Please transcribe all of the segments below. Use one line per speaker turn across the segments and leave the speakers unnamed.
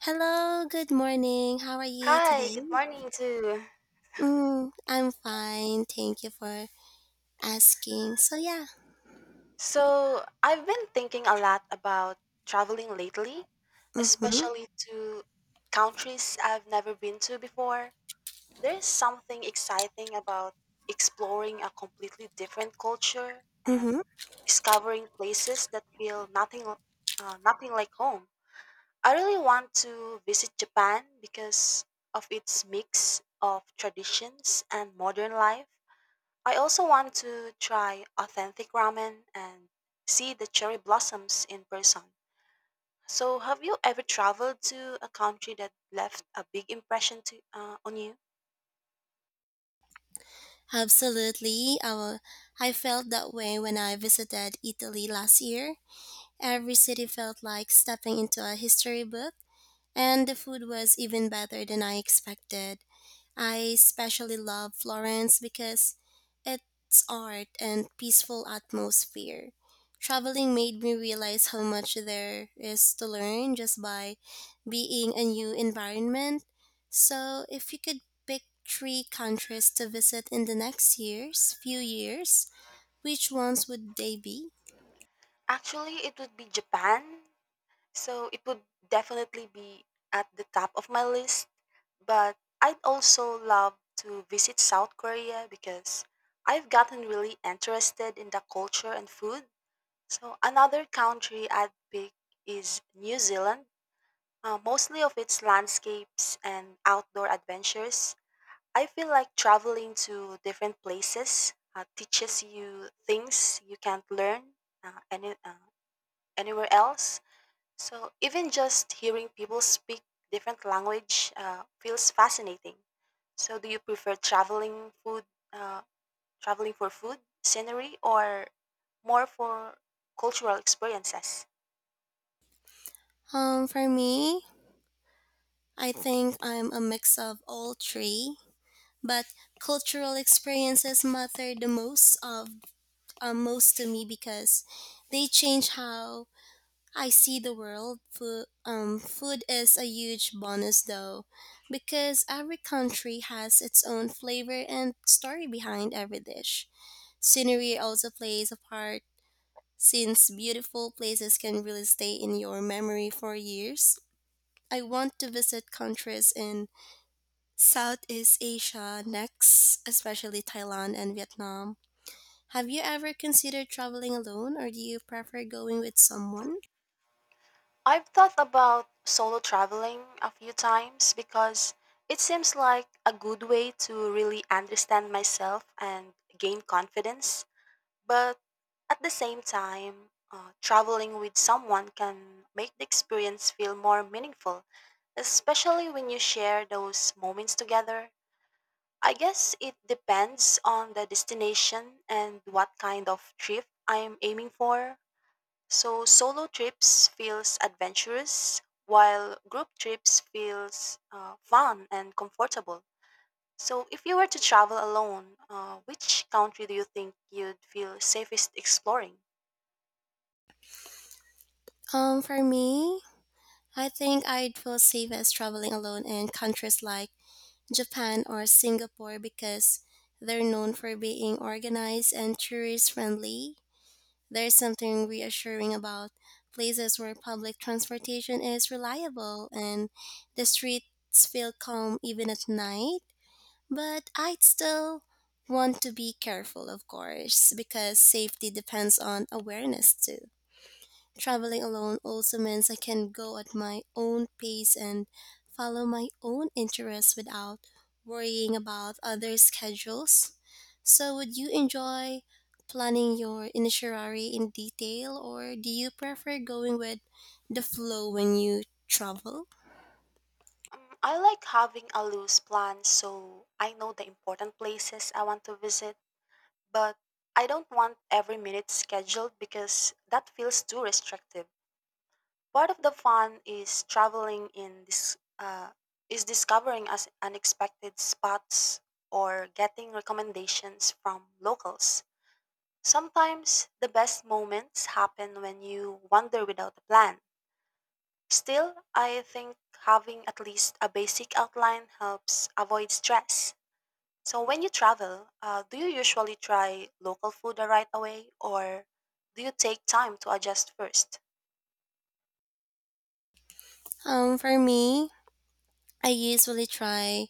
Hello, good morning. How are you
Hi,
today?
good morning too.
I'm fine. Thank you for asking. So yeah.
So, I've been thinking a lot about traveling lately,
Mm-hmm.
especially to countries I've never been to before. There's something exciting about exploring a completely different culture and
Mm-hmm.
discovering places that feel nothing like home. I really want to visit Japan because of its mix of traditions and modern life. I also want to try authentic ramen and see the cherry blossoms in person. So, have you ever traveled to a country that left a big impression on you?
Absolutely. I felt that way when I visited Italy last year. Every city felt like stepping into a history book, and the food was even better than I expected. I especially love Florence because its art and peaceful atmosphere. Traveling made me realize how much there is to learn just by being a new environment. So, if you could pick three countries to visit in the few years, which ones would they be?
Actually, it would be Japan. So, it would definitely be at the top of my list. But I'd also love to visit South Korea because I've gotten really interested in the culture and food. So, another country I'd pick is New Zealand, mostly of its landscapes and outdoor adventures. I feel like traveling to different places teaches you things you can't learn uh, any, uh, anywhere else. So even just hearing people speak different language feels fascinating. So do you prefer uh, traveling for food, scenery, or more for cultural experiences?
For me, I think I'm a mix of all three, but cultural experiences matter the most of most to me because they change how I see the world. Food is a huge bonus though, because every country has its own flavor and story behind every dish. Scenery also plays a part, since beautiful places can really stay in your memory for years. I want to visit countries in Southeast Asia next, especially Thailand and Vietnam. Have you ever considered traveling alone, or do you prefer going with someone?
I've thought about solo traveling a few times because it seems like a good way to really understand myself and gain confidence. But at the same time, traveling with someone can make the experience feel more meaningful, especially when you share those moments together. I guess it depends on the destination and what kind of trip I'm aiming for. So solo trips feels adventurous while group trips feels fun and comfortable. So if you were to travel alone, which country do you think you'd feel safest exploring?
For me, I think I'd feel safest traveling alone in countries like Japan or Singapore because they're known for being organized and tourist friendly. There's something reassuring about places where public transportation is reliable and the streets feel calm even at night. But I'd still want to be careful, of course, because safety depends on awareness too. Traveling alone also means I can go at my own pace and follow my own interests without worrying about other schedules. So, would you enjoy planning your itinerary in detail, or do you prefer going with the flow when you travel?
I like having a loose plan so I know the important places I want to visit, but I don't want every minute scheduled because that feels too restrictive. Part of the fun is traveling in this is discovering us unexpected spots or getting recommendations from locals. Sometimes the best moments happen when you wander without a plan. Still, I think having at least a basic outline helps avoid stress. So when you travel, do you usually try local food right away or do you take time to adjust first?
For me, I usually try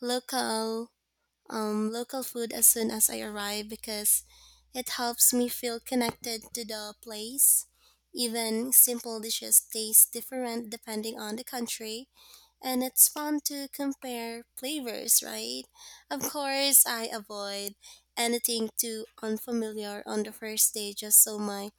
local local food as soon as I arrive because it helps me feel connected to the place. Even simple dishes taste different depending on the country, and it's fun to compare flavors, right? Of course, I avoid anything too unfamiliar on the first day just so my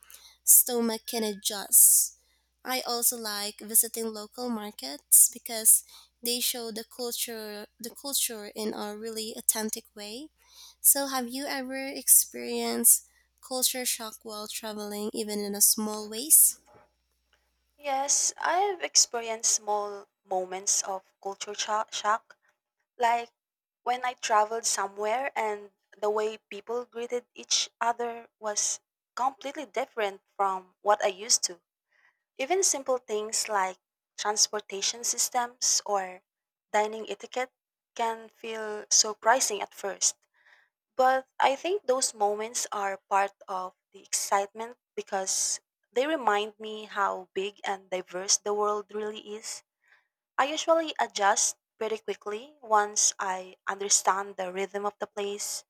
stomach can adjust. I also like visiting local markets because they show the culture in a really authentic way. So have you ever experienced culture shock while traveling even in a small ways?
Yes, I've experienced small moments of shock, like when I traveled somewhere and the way people greeted each other was completely different from what I used to. Even simple things like transportation systems or dining etiquette can feel surprising at first. But I think those moments are part of the excitement because they remind me how big and diverse the world really is. I usually adjust pretty quickly once I understand the rhythm of the place.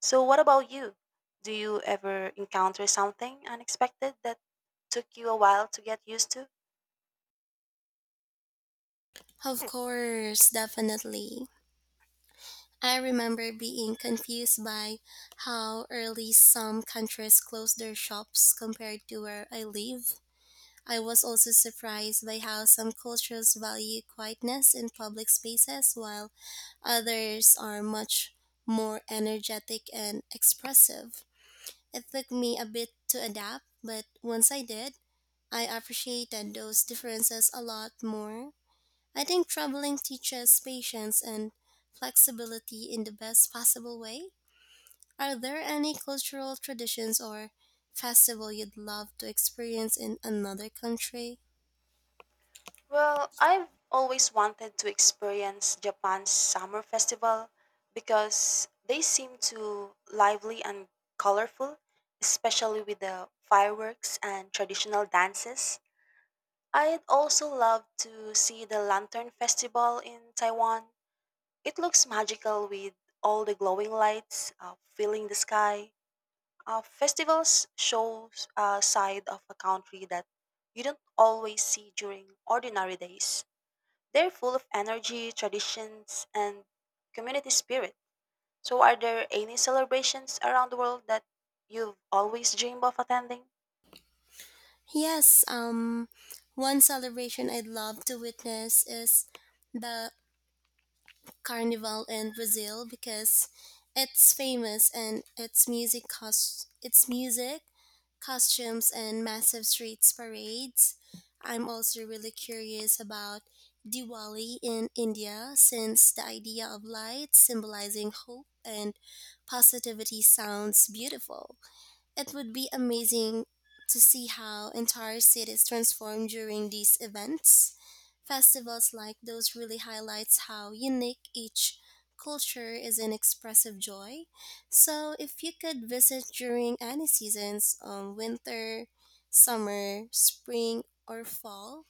So, what about you? Do you ever encounter something unexpected that took you a while to get used to?
Of course, definitely. I remember being confused by how early some countries close their shops compared to where I live. I was also surprised by how some cultures value quietness in public spaces while others are much more energetic and expressive. It took me a bit to adapt, but once I did, I appreciated those differences a lot more. I think traveling teaches patience and flexibility in the best possible way. Are there any cultural traditions or festival you'd love to experience in another country?
Well, I've always wanted to experience Japan's summer festival because they seem too lively and colorful, especially with the fireworks and traditional dances. I'd also love to see the Lantern Festival in Taiwan. It looks magical with all the glowing lights filling the sky. Festivals show a side of a country that you don't always see during ordinary days. They're full of energy, traditions, and community spirit. So, are there any celebrations around the world that you've always dreamed of attending?
Yes, one celebration I'd love to witness is the carnival in Brazil because it's famous and its music, costumes and massive streets parades. I'm also really curious about Diwali in India since the idea of light symbolizing hope and positivity sounds beautiful. It would be amazing to see how entire cities transform during these events. Festivals like those really highlights how unique each culture is in expressive joy. So if you could visit during any seasons, winter, summer, spring, or fall,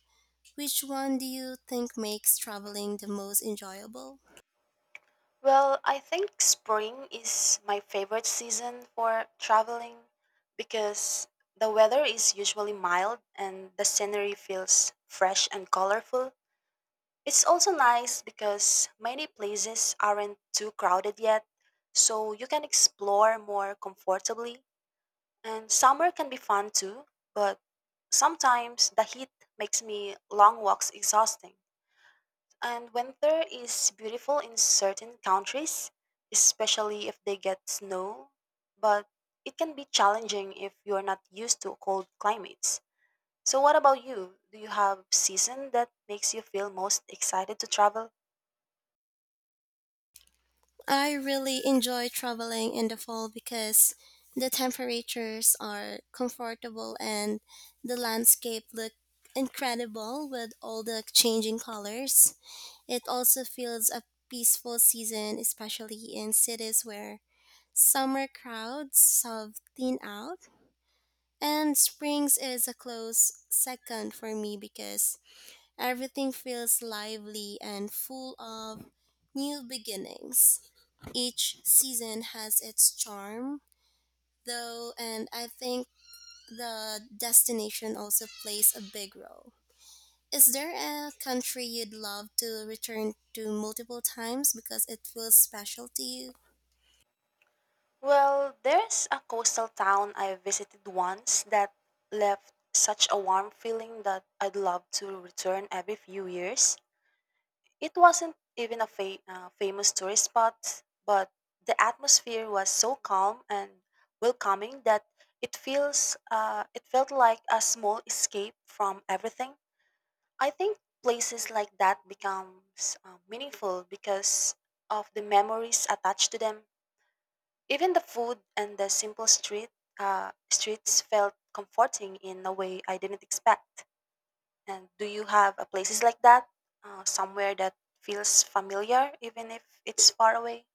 which one do you think makes traveling the most enjoyable?
Well, I think spring is my favorite season for traveling because the weather is usually mild and the scenery feels fresh and colorful. It's also nice because many places aren't too crowded yet, so you can explore more comfortably. And summer can be fun too, but sometimes the heat makes me long walks exhausting. And winter is beautiful in certain countries, especially if they get snow, but it can be challenging if you're not used to cold climates. So what about you? Do you have season that makes you feel most excited to travel?
I really enjoy traveling in the fall because the temperatures are comfortable and the landscape look incredible with all the changing colors. It also feels a peaceful season especially in cities where summer crowds have thinned out and springs is a close second for me because everything feels lively and full of new beginnings. Each season has its charm, though, and I think the destination also plays a big role. Is there a country you'd love to return to multiple times because it feels special to you?
Well, there's a coastal town I visited once that left such a warm feeling that I'd love to return every few years. It wasn't even a famous tourist spot, but the atmosphere was so calm and welcoming that it felt like a small escape from everything. I think places like that becomes meaningful because of the memories attached to them, even the food and the simple street streets felt comforting in a way I didn't expect. And do you have a places like that, somewhere that feels familiar, even if it's far away?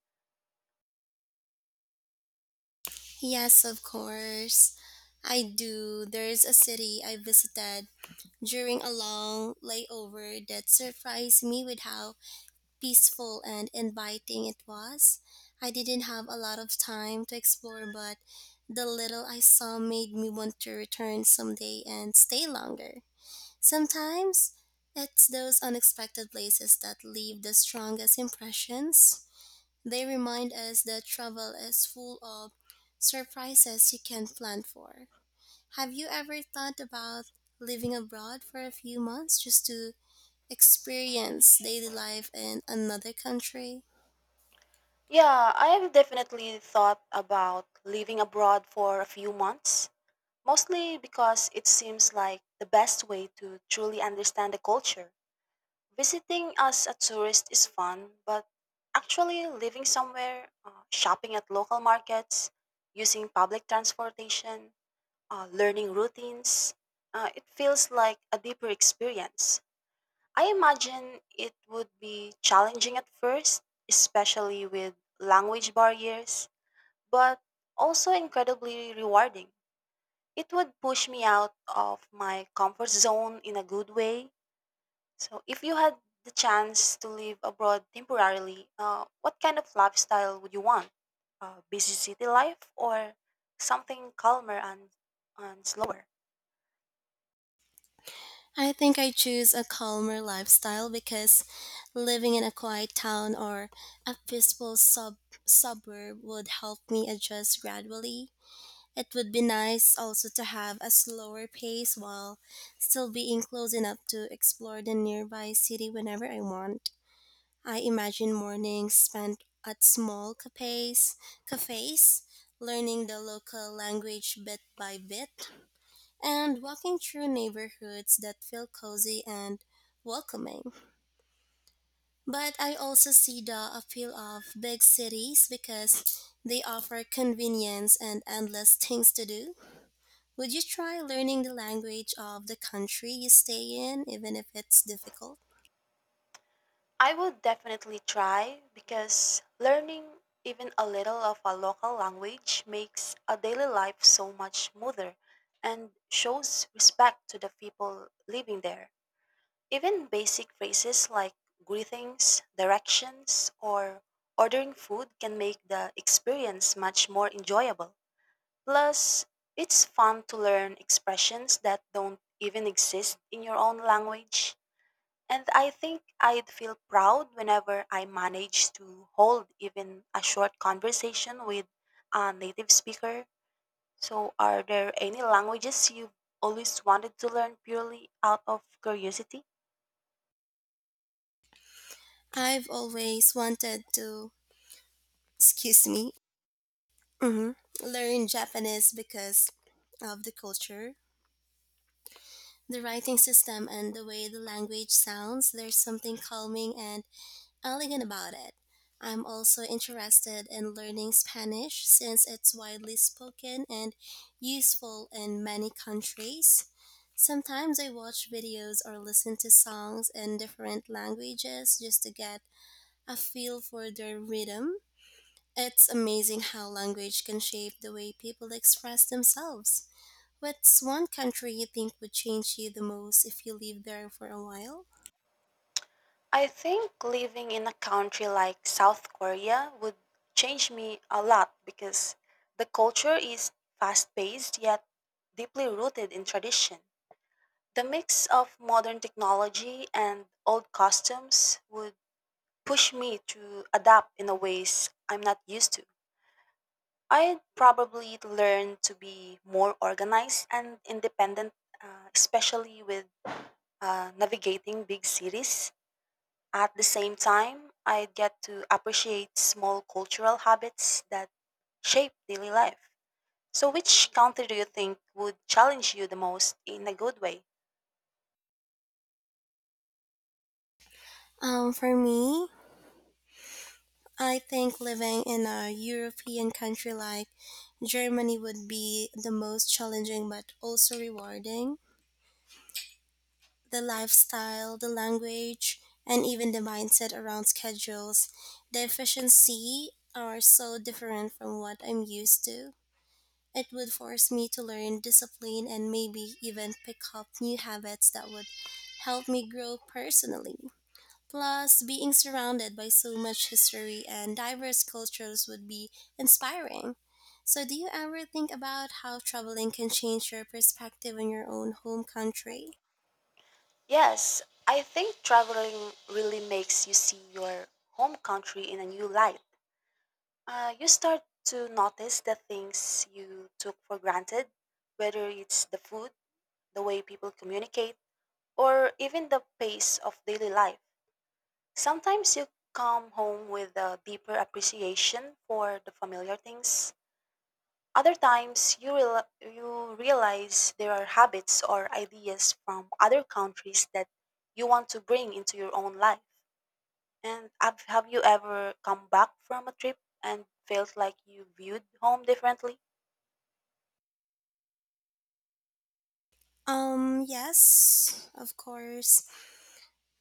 Yes, of course. I do. There's a city I visited during a long layover that surprised me with how peaceful and inviting it was. I didn't have a lot of time to explore, but the little I saw made me want to return someday and stay longer. Sometimes it's those unexpected places that leave the strongest impressions. They remind us that travel is full of surprises you can't plan for. Have you ever thought about living abroad for a few months just to experience daily life in another country?
Yeah, I have definitely thought about living abroad for a few months, mostly because it seems like the best way to truly understand the culture. Visiting as a tourist is fun, but actually living somewhere, shopping at local markets, using public transportation, learning routines, it feels like a deeper experience. I imagine it would be challenging at first, especially with language barriers, but also incredibly rewarding. It would push me out of my comfort zone in a good way. So, if you had the chance to live abroad temporarily, what kind of lifestyle would you want? Busy city life or something calmer and slower?
I think I choose a calmer lifestyle because living in a quiet town or a suburb would help me adjust gradually. It would be nice also to have a slower pace while still being close enough to explore the nearby city whenever I want. I imagine mornings spent at cafes, learning the local language bit by bit and walking through neighborhoods that feel cozy and welcoming. But I also see the appeal of big cities because they offer convenience and endless things to do. Would you try learning the language of the country you stay in, even if it's difficult?
I would definitely try because learning even a little of a local language makes a daily life so much smoother and shows respect to the people living there. Even basic phrases like greetings, directions, or ordering food can make the experience much more enjoyable. Plus, it's fun to learn expressions that don't even exist in your own language. And I think I'd feel proud whenever I manage to hold even a short conversation with a native speaker. So, are there any languages you've always wanted to learn purely out of curiosity?
I've always wanted to, excuse me, mhm, learn Japanese because of the culture, the writing system, and the way the language sounds. There's something calming and elegant about it. I'm also interested in learning Spanish since it's widely spoken and useful in many countries. Sometimes I watch videos or listen to songs in different languages just to get a feel for their rhythm. It's amazing how language can shape the way people express themselves. What's one country you think would change you the most if you lived there for a while?
I think living in a country like South Korea would change me a lot because the culture is fast paced yet deeply rooted in tradition. The mix of modern technology and old customs would push me to adapt in a ways I'm not used to. I'd probably learn to be more organized and independent, especially with navigating big cities. At the same time, I get to appreciate small cultural habits that shape daily life. So, which country do you think would challenge you the most in a good way?
For me, I think living in a European country like Germany would be the most challenging but also rewarding. The lifestyle, the language, and even the mindset around schedules, the efficiency are so different from what I'm used to. It would force me to learn discipline and maybe even pick up new habits that would help me grow personally. Plus, being surrounded by so much history and diverse cultures would be inspiring. So, do you ever think about how traveling can change your perspective on your own home country?
Yes, I think traveling really makes you see your home country in a new light. You start to notice the things you took for granted, whether it's the food, the way people communicate, or even the pace of daily life. Sometimes you come home with a deeper appreciation for the familiar things. Other times you realize there are habits or ideas from other countries that you want to bring into your own life. And have you ever come back from a trip and felt like you viewed home differently?
Yes, of course.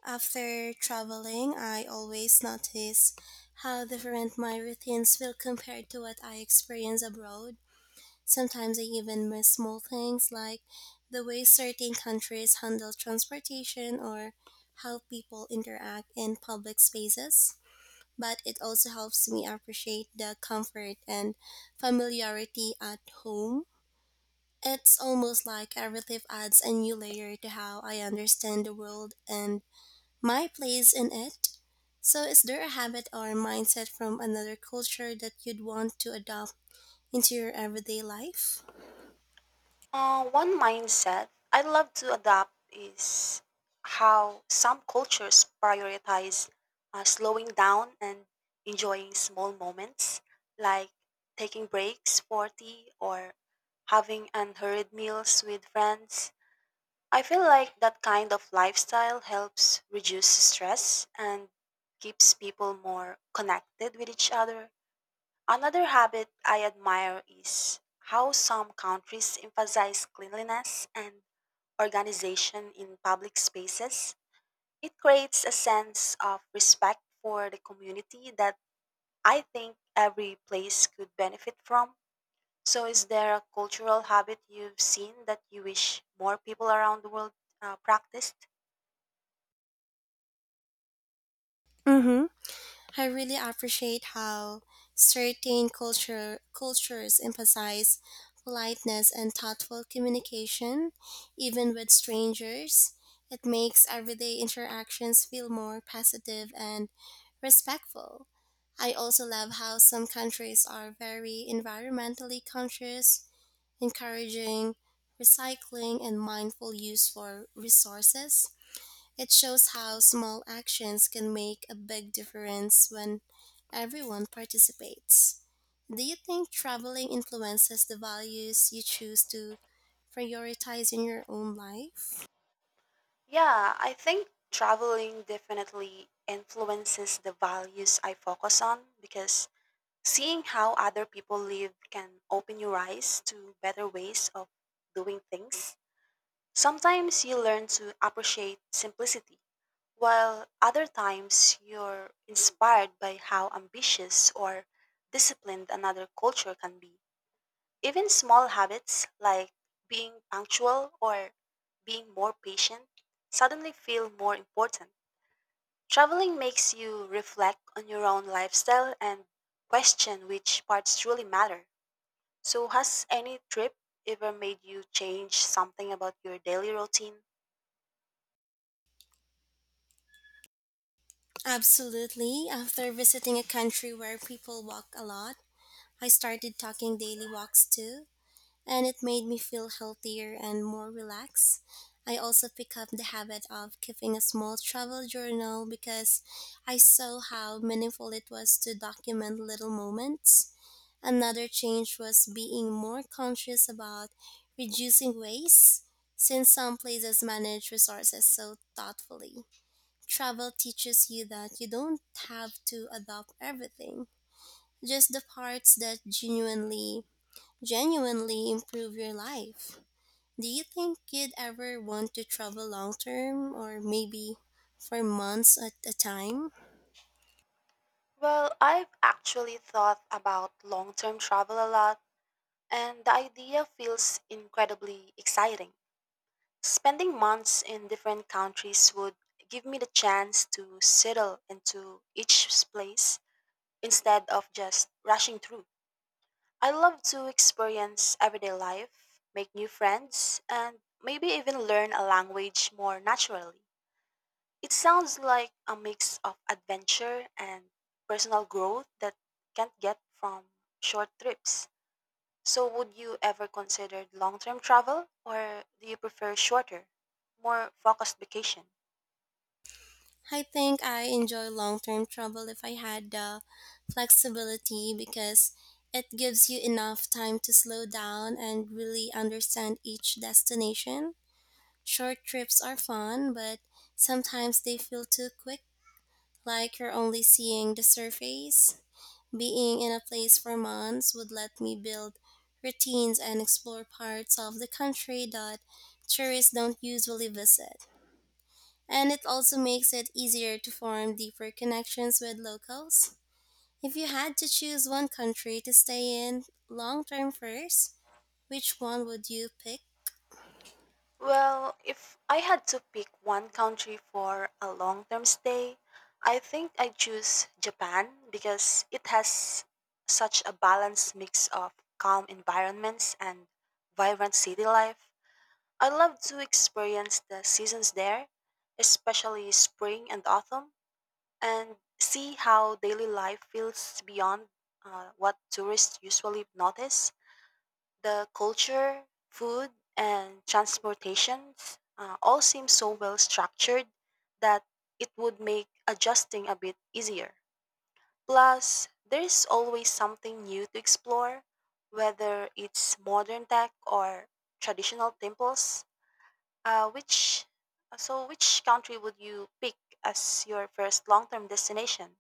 After traveling, I always notice how different my routines feel compared to what I experience abroad. Sometimes I even miss small things like the way certain countries handle transportation or how people interact in public spaces. But it also helps me appreciate the comfort and familiarity at home. It's almost like a relief adds a new layer to how I understand the world and my place in it. So, is there a habit or mindset from another culture that you'd want to adopt into your everyday life?
One mindset I would love to adopt is how some cultures prioritize slowing down and enjoying small moments, like taking breaks for tea or having unhurried meals with friends. I feel like that kind of lifestyle helps reduce stress and keeps people more connected with each other. Another habit I admire is how some countries emphasize cleanliness and organization in public spaces. It creates a sense of respect for the community that I think every place could benefit from. So, is there a cultural habit you've seen that you wish more people around the world practiced?
Mm hmm. I really appreciate how cultures emphasize politeness and thoughtful communication, even with strangers. It makes everyday interactions feel more positive and respectful. I also love how some countries are very environmentally conscious, encouraging recycling and mindful use for resources. It shows how small actions can make a big difference when everyone participates. Do you think traveling influences the values you choose to prioritize in your own life?
Yeah, I think traveling definitely influences the values I focus on because seeing how other people live can open your eyes to better ways of doing things. Sometimes you learn to appreciate simplicity, while other times you're inspired by how ambitious or disciplined another culture can be. Even small habits like being punctual or being more patient suddenly feel more important. Traveling makes you reflect on your own lifestyle and question which parts truly matter. So, has any trip ever made you change something about your daily routine?
Absolutely. After visiting a country where people walk a lot, I started talking daily walks too, and it made me feel healthier and more relaxed. I also picked up the habit of keeping a small travel journal because I saw how meaningful it was to document little moments. Another change was being more conscious about reducing waste since some places manage resources so thoughtfully. Travel teaches you that you don't have to adopt everything, just the parts that genuinely improve your life. Do you think you'd ever want to travel long term or maybe for months at a time?
Well, I've actually thought about long term travel a lot, and the idea feels incredibly exciting. Spending months in different countries would give me the chance to settle into each place instead of just rushing through. I love to experience everyday life, make new friends, and maybe even learn a language more naturally. It sounds like a mix of adventure and personal growth that can't get from short trips. So, would you ever consider long term travel or do you prefer shorter, more focused vacation?
I think I enjoy long term travel if I had the flexibility because it gives you enough time to slow down and really understand each destination. Short trips are fun, but sometimes they feel too quick, like you're only seeing the surface. Being in a place for months would let me build routines and explore parts of the country that tourists don't usually visit. And it also makes it easier to form deeper connections with locals. If you had to choose one country to stay in long term first, which one would you pick?
Well, if I had to pick one country for a long term stay, I think I'd choose Japan because it has such a balanced mix of calm environments and vibrant city life. I love to experience the seasons there, especially spring and autumn, and see how daily life feels beyond what tourists usually notice. The culture, food, and transportation all seem so well structured that it would make adjusting a bit easier. Plus, there is always something new to explore, whether it's modern tech or traditional temples. Which so which country would you pick as your first long-term destination?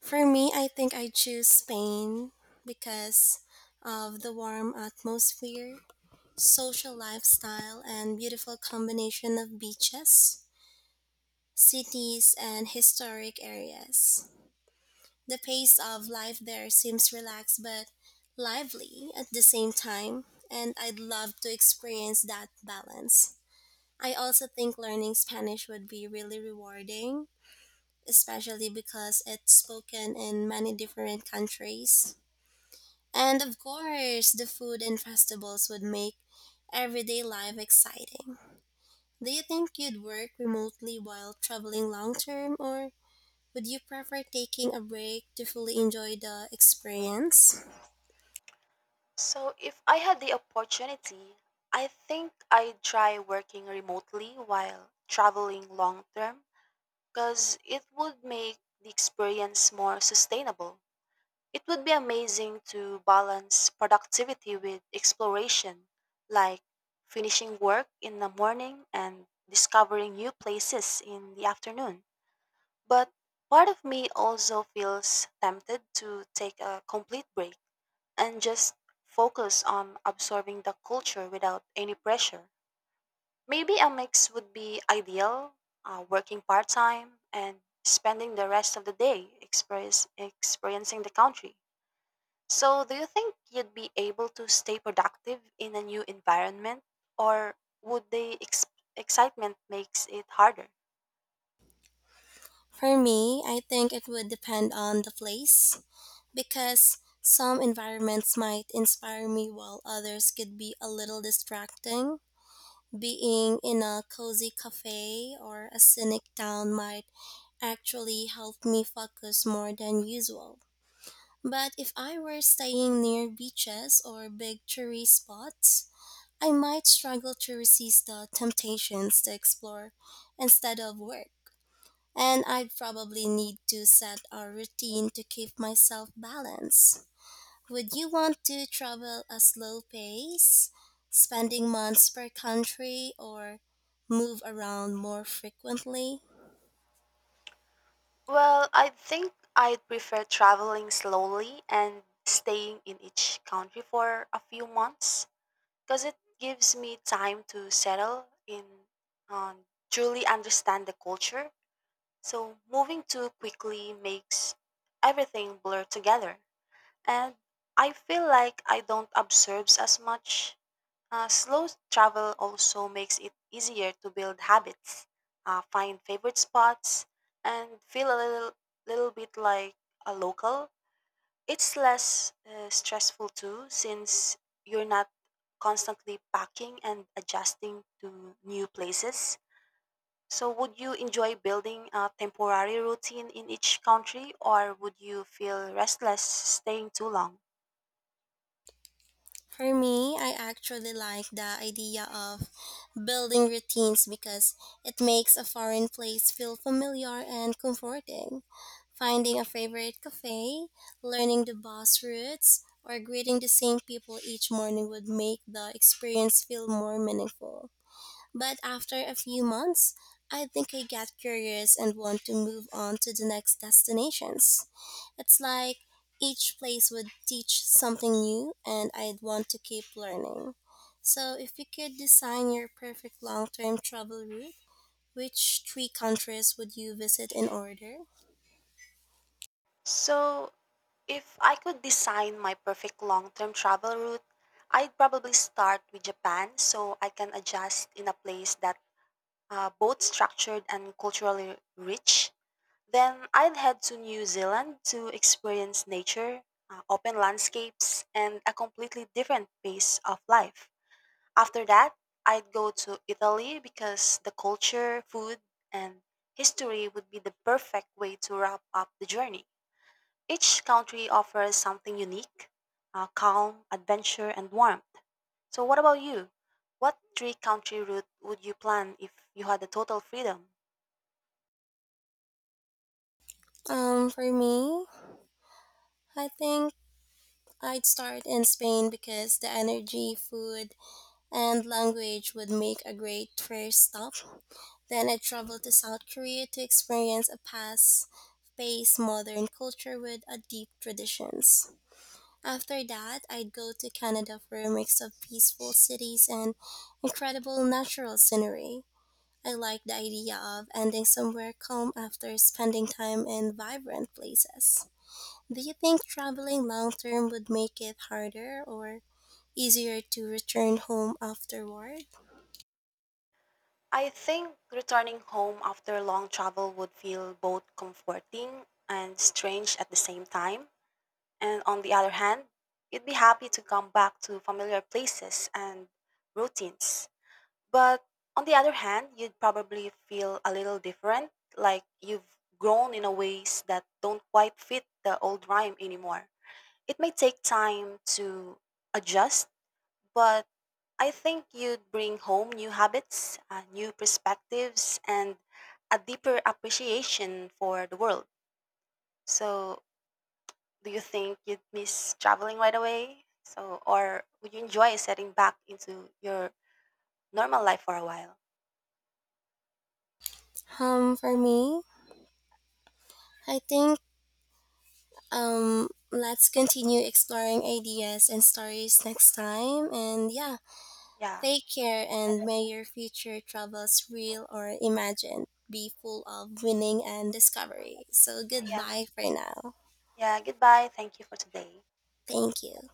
For me, I think I choose Spain because of the warm atmosphere, social lifestyle, and beautiful combination of beaches, cities, and historic areas. The pace of life there seems relaxed but lively at the same time, and I'd love to experience that balance. I also think learning Spanish would be really rewarding, especially because it's spoken in many different countries. And of course, the food and festivals would make everyday life exciting. Do you think you'd work remotely while traveling long term, or would you prefer taking a break to fully enjoy the experience?
So if I had the opportunity, I think I'd try working remotely while traveling long term because it would make the experience more sustainable. It would be amazing to balance productivity with exploration, like finishing work in the morning and discovering new places in the afternoon. But part of me also feels tempted to take a complete break and just focus on absorbing the culture without any pressure. Maybe a mix would be ideal, working part time and spending the rest of the day experiencing the country. So, do you think you'd be able to stay productive in a new environment, or would the excitement makes it harder?
For me, I think it would depend on the place because some environments might inspire me while others could be a little distracting. Being in a cozy cafe or a scenic town might actually help me focus more than usual. But if I were staying near beaches or big tourist spots, I might struggle to resist the temptations to explore instead of work, and I'd probably need to set a routine to keep myself balanced. Would you want to travel a slow pace, spending months per country, or move around more frequently?
Well, I think I'd prefer traveling slowly and staying in each country for a few months because it gives me time to settle in and truly understand the culture. So, moving too quickly makes everything blur together. And I feel like I don't absorb as much. Slow travel also makes it easier to build habits, find favorite spots, and feel a little bit like a local. It's less stressful too, since you're not constantly packing and adjusting to new places. So, would you enjoy building a temporary routine in each country, or would you feel restless staying too long?
For me, I actually like the idea of building routines because it makes a foreign place feel familiar and comforting. Finding a favorite cafe, learning the bus routes, or greeting the same people each morning would make the experience feel more meaningful. But after a few months, I think I get curious and want to move on to the next destinations. It's like each place would teach something new and I'd want to keep learning. So, if you could design your perfect long term travel route, which three countries would you visit in order?
So, if I could design my perfect long term travel route, I'd probably start with Japan so I can adjust in a place that both structured and culturally rich. Then I'd head to New Zealand to experience nature, open landscapes, and a completely different pace of life. After that, I'd go to Italy because the culture, food, and history would be the perfect way to wrap up the journey. Each country offers something unique, calm, adventure, and warmth. So, what about you? What three country route would you plan if you had the total freedom?
For me, I think I'd start in Spain because the energy, food, and language would make a great first stop. Then I traveled to South Korea to experience a past paced modern culture with a deep traditions. After that, I'd go to Canada for a mix of peaceful cities and incredible natural scenery. I like the idea of ending somewhere calm after spending time in vibrant places. Do you think traveling long term would make it harder or easier to return home afterward?
I think returning home after long travel would feel both comforting and strange at the same time. And on the other hand, you'd be happy to come back to familiar places and routines. But on the other hand, you'd probably feel a little different, like you've grown in a ways that don't quite fit the old rhyme anymore. It may take time to adjust, but I think you'd bring home new habits, new perspectives, and a deeper appreciation for the world. So, do you think you'd miss traveling right away? So, or would you enjoy setting back into your normal life for a while?
For me, I think Let's continue exploring ideas and stories next time. And yeah,
Yeah.
take care and may your future travels, real or imagined, be full of winning and discovery. So
Yeah.
goodbye for now.
Yeah, goodbye. Thank you for today.
Thank you.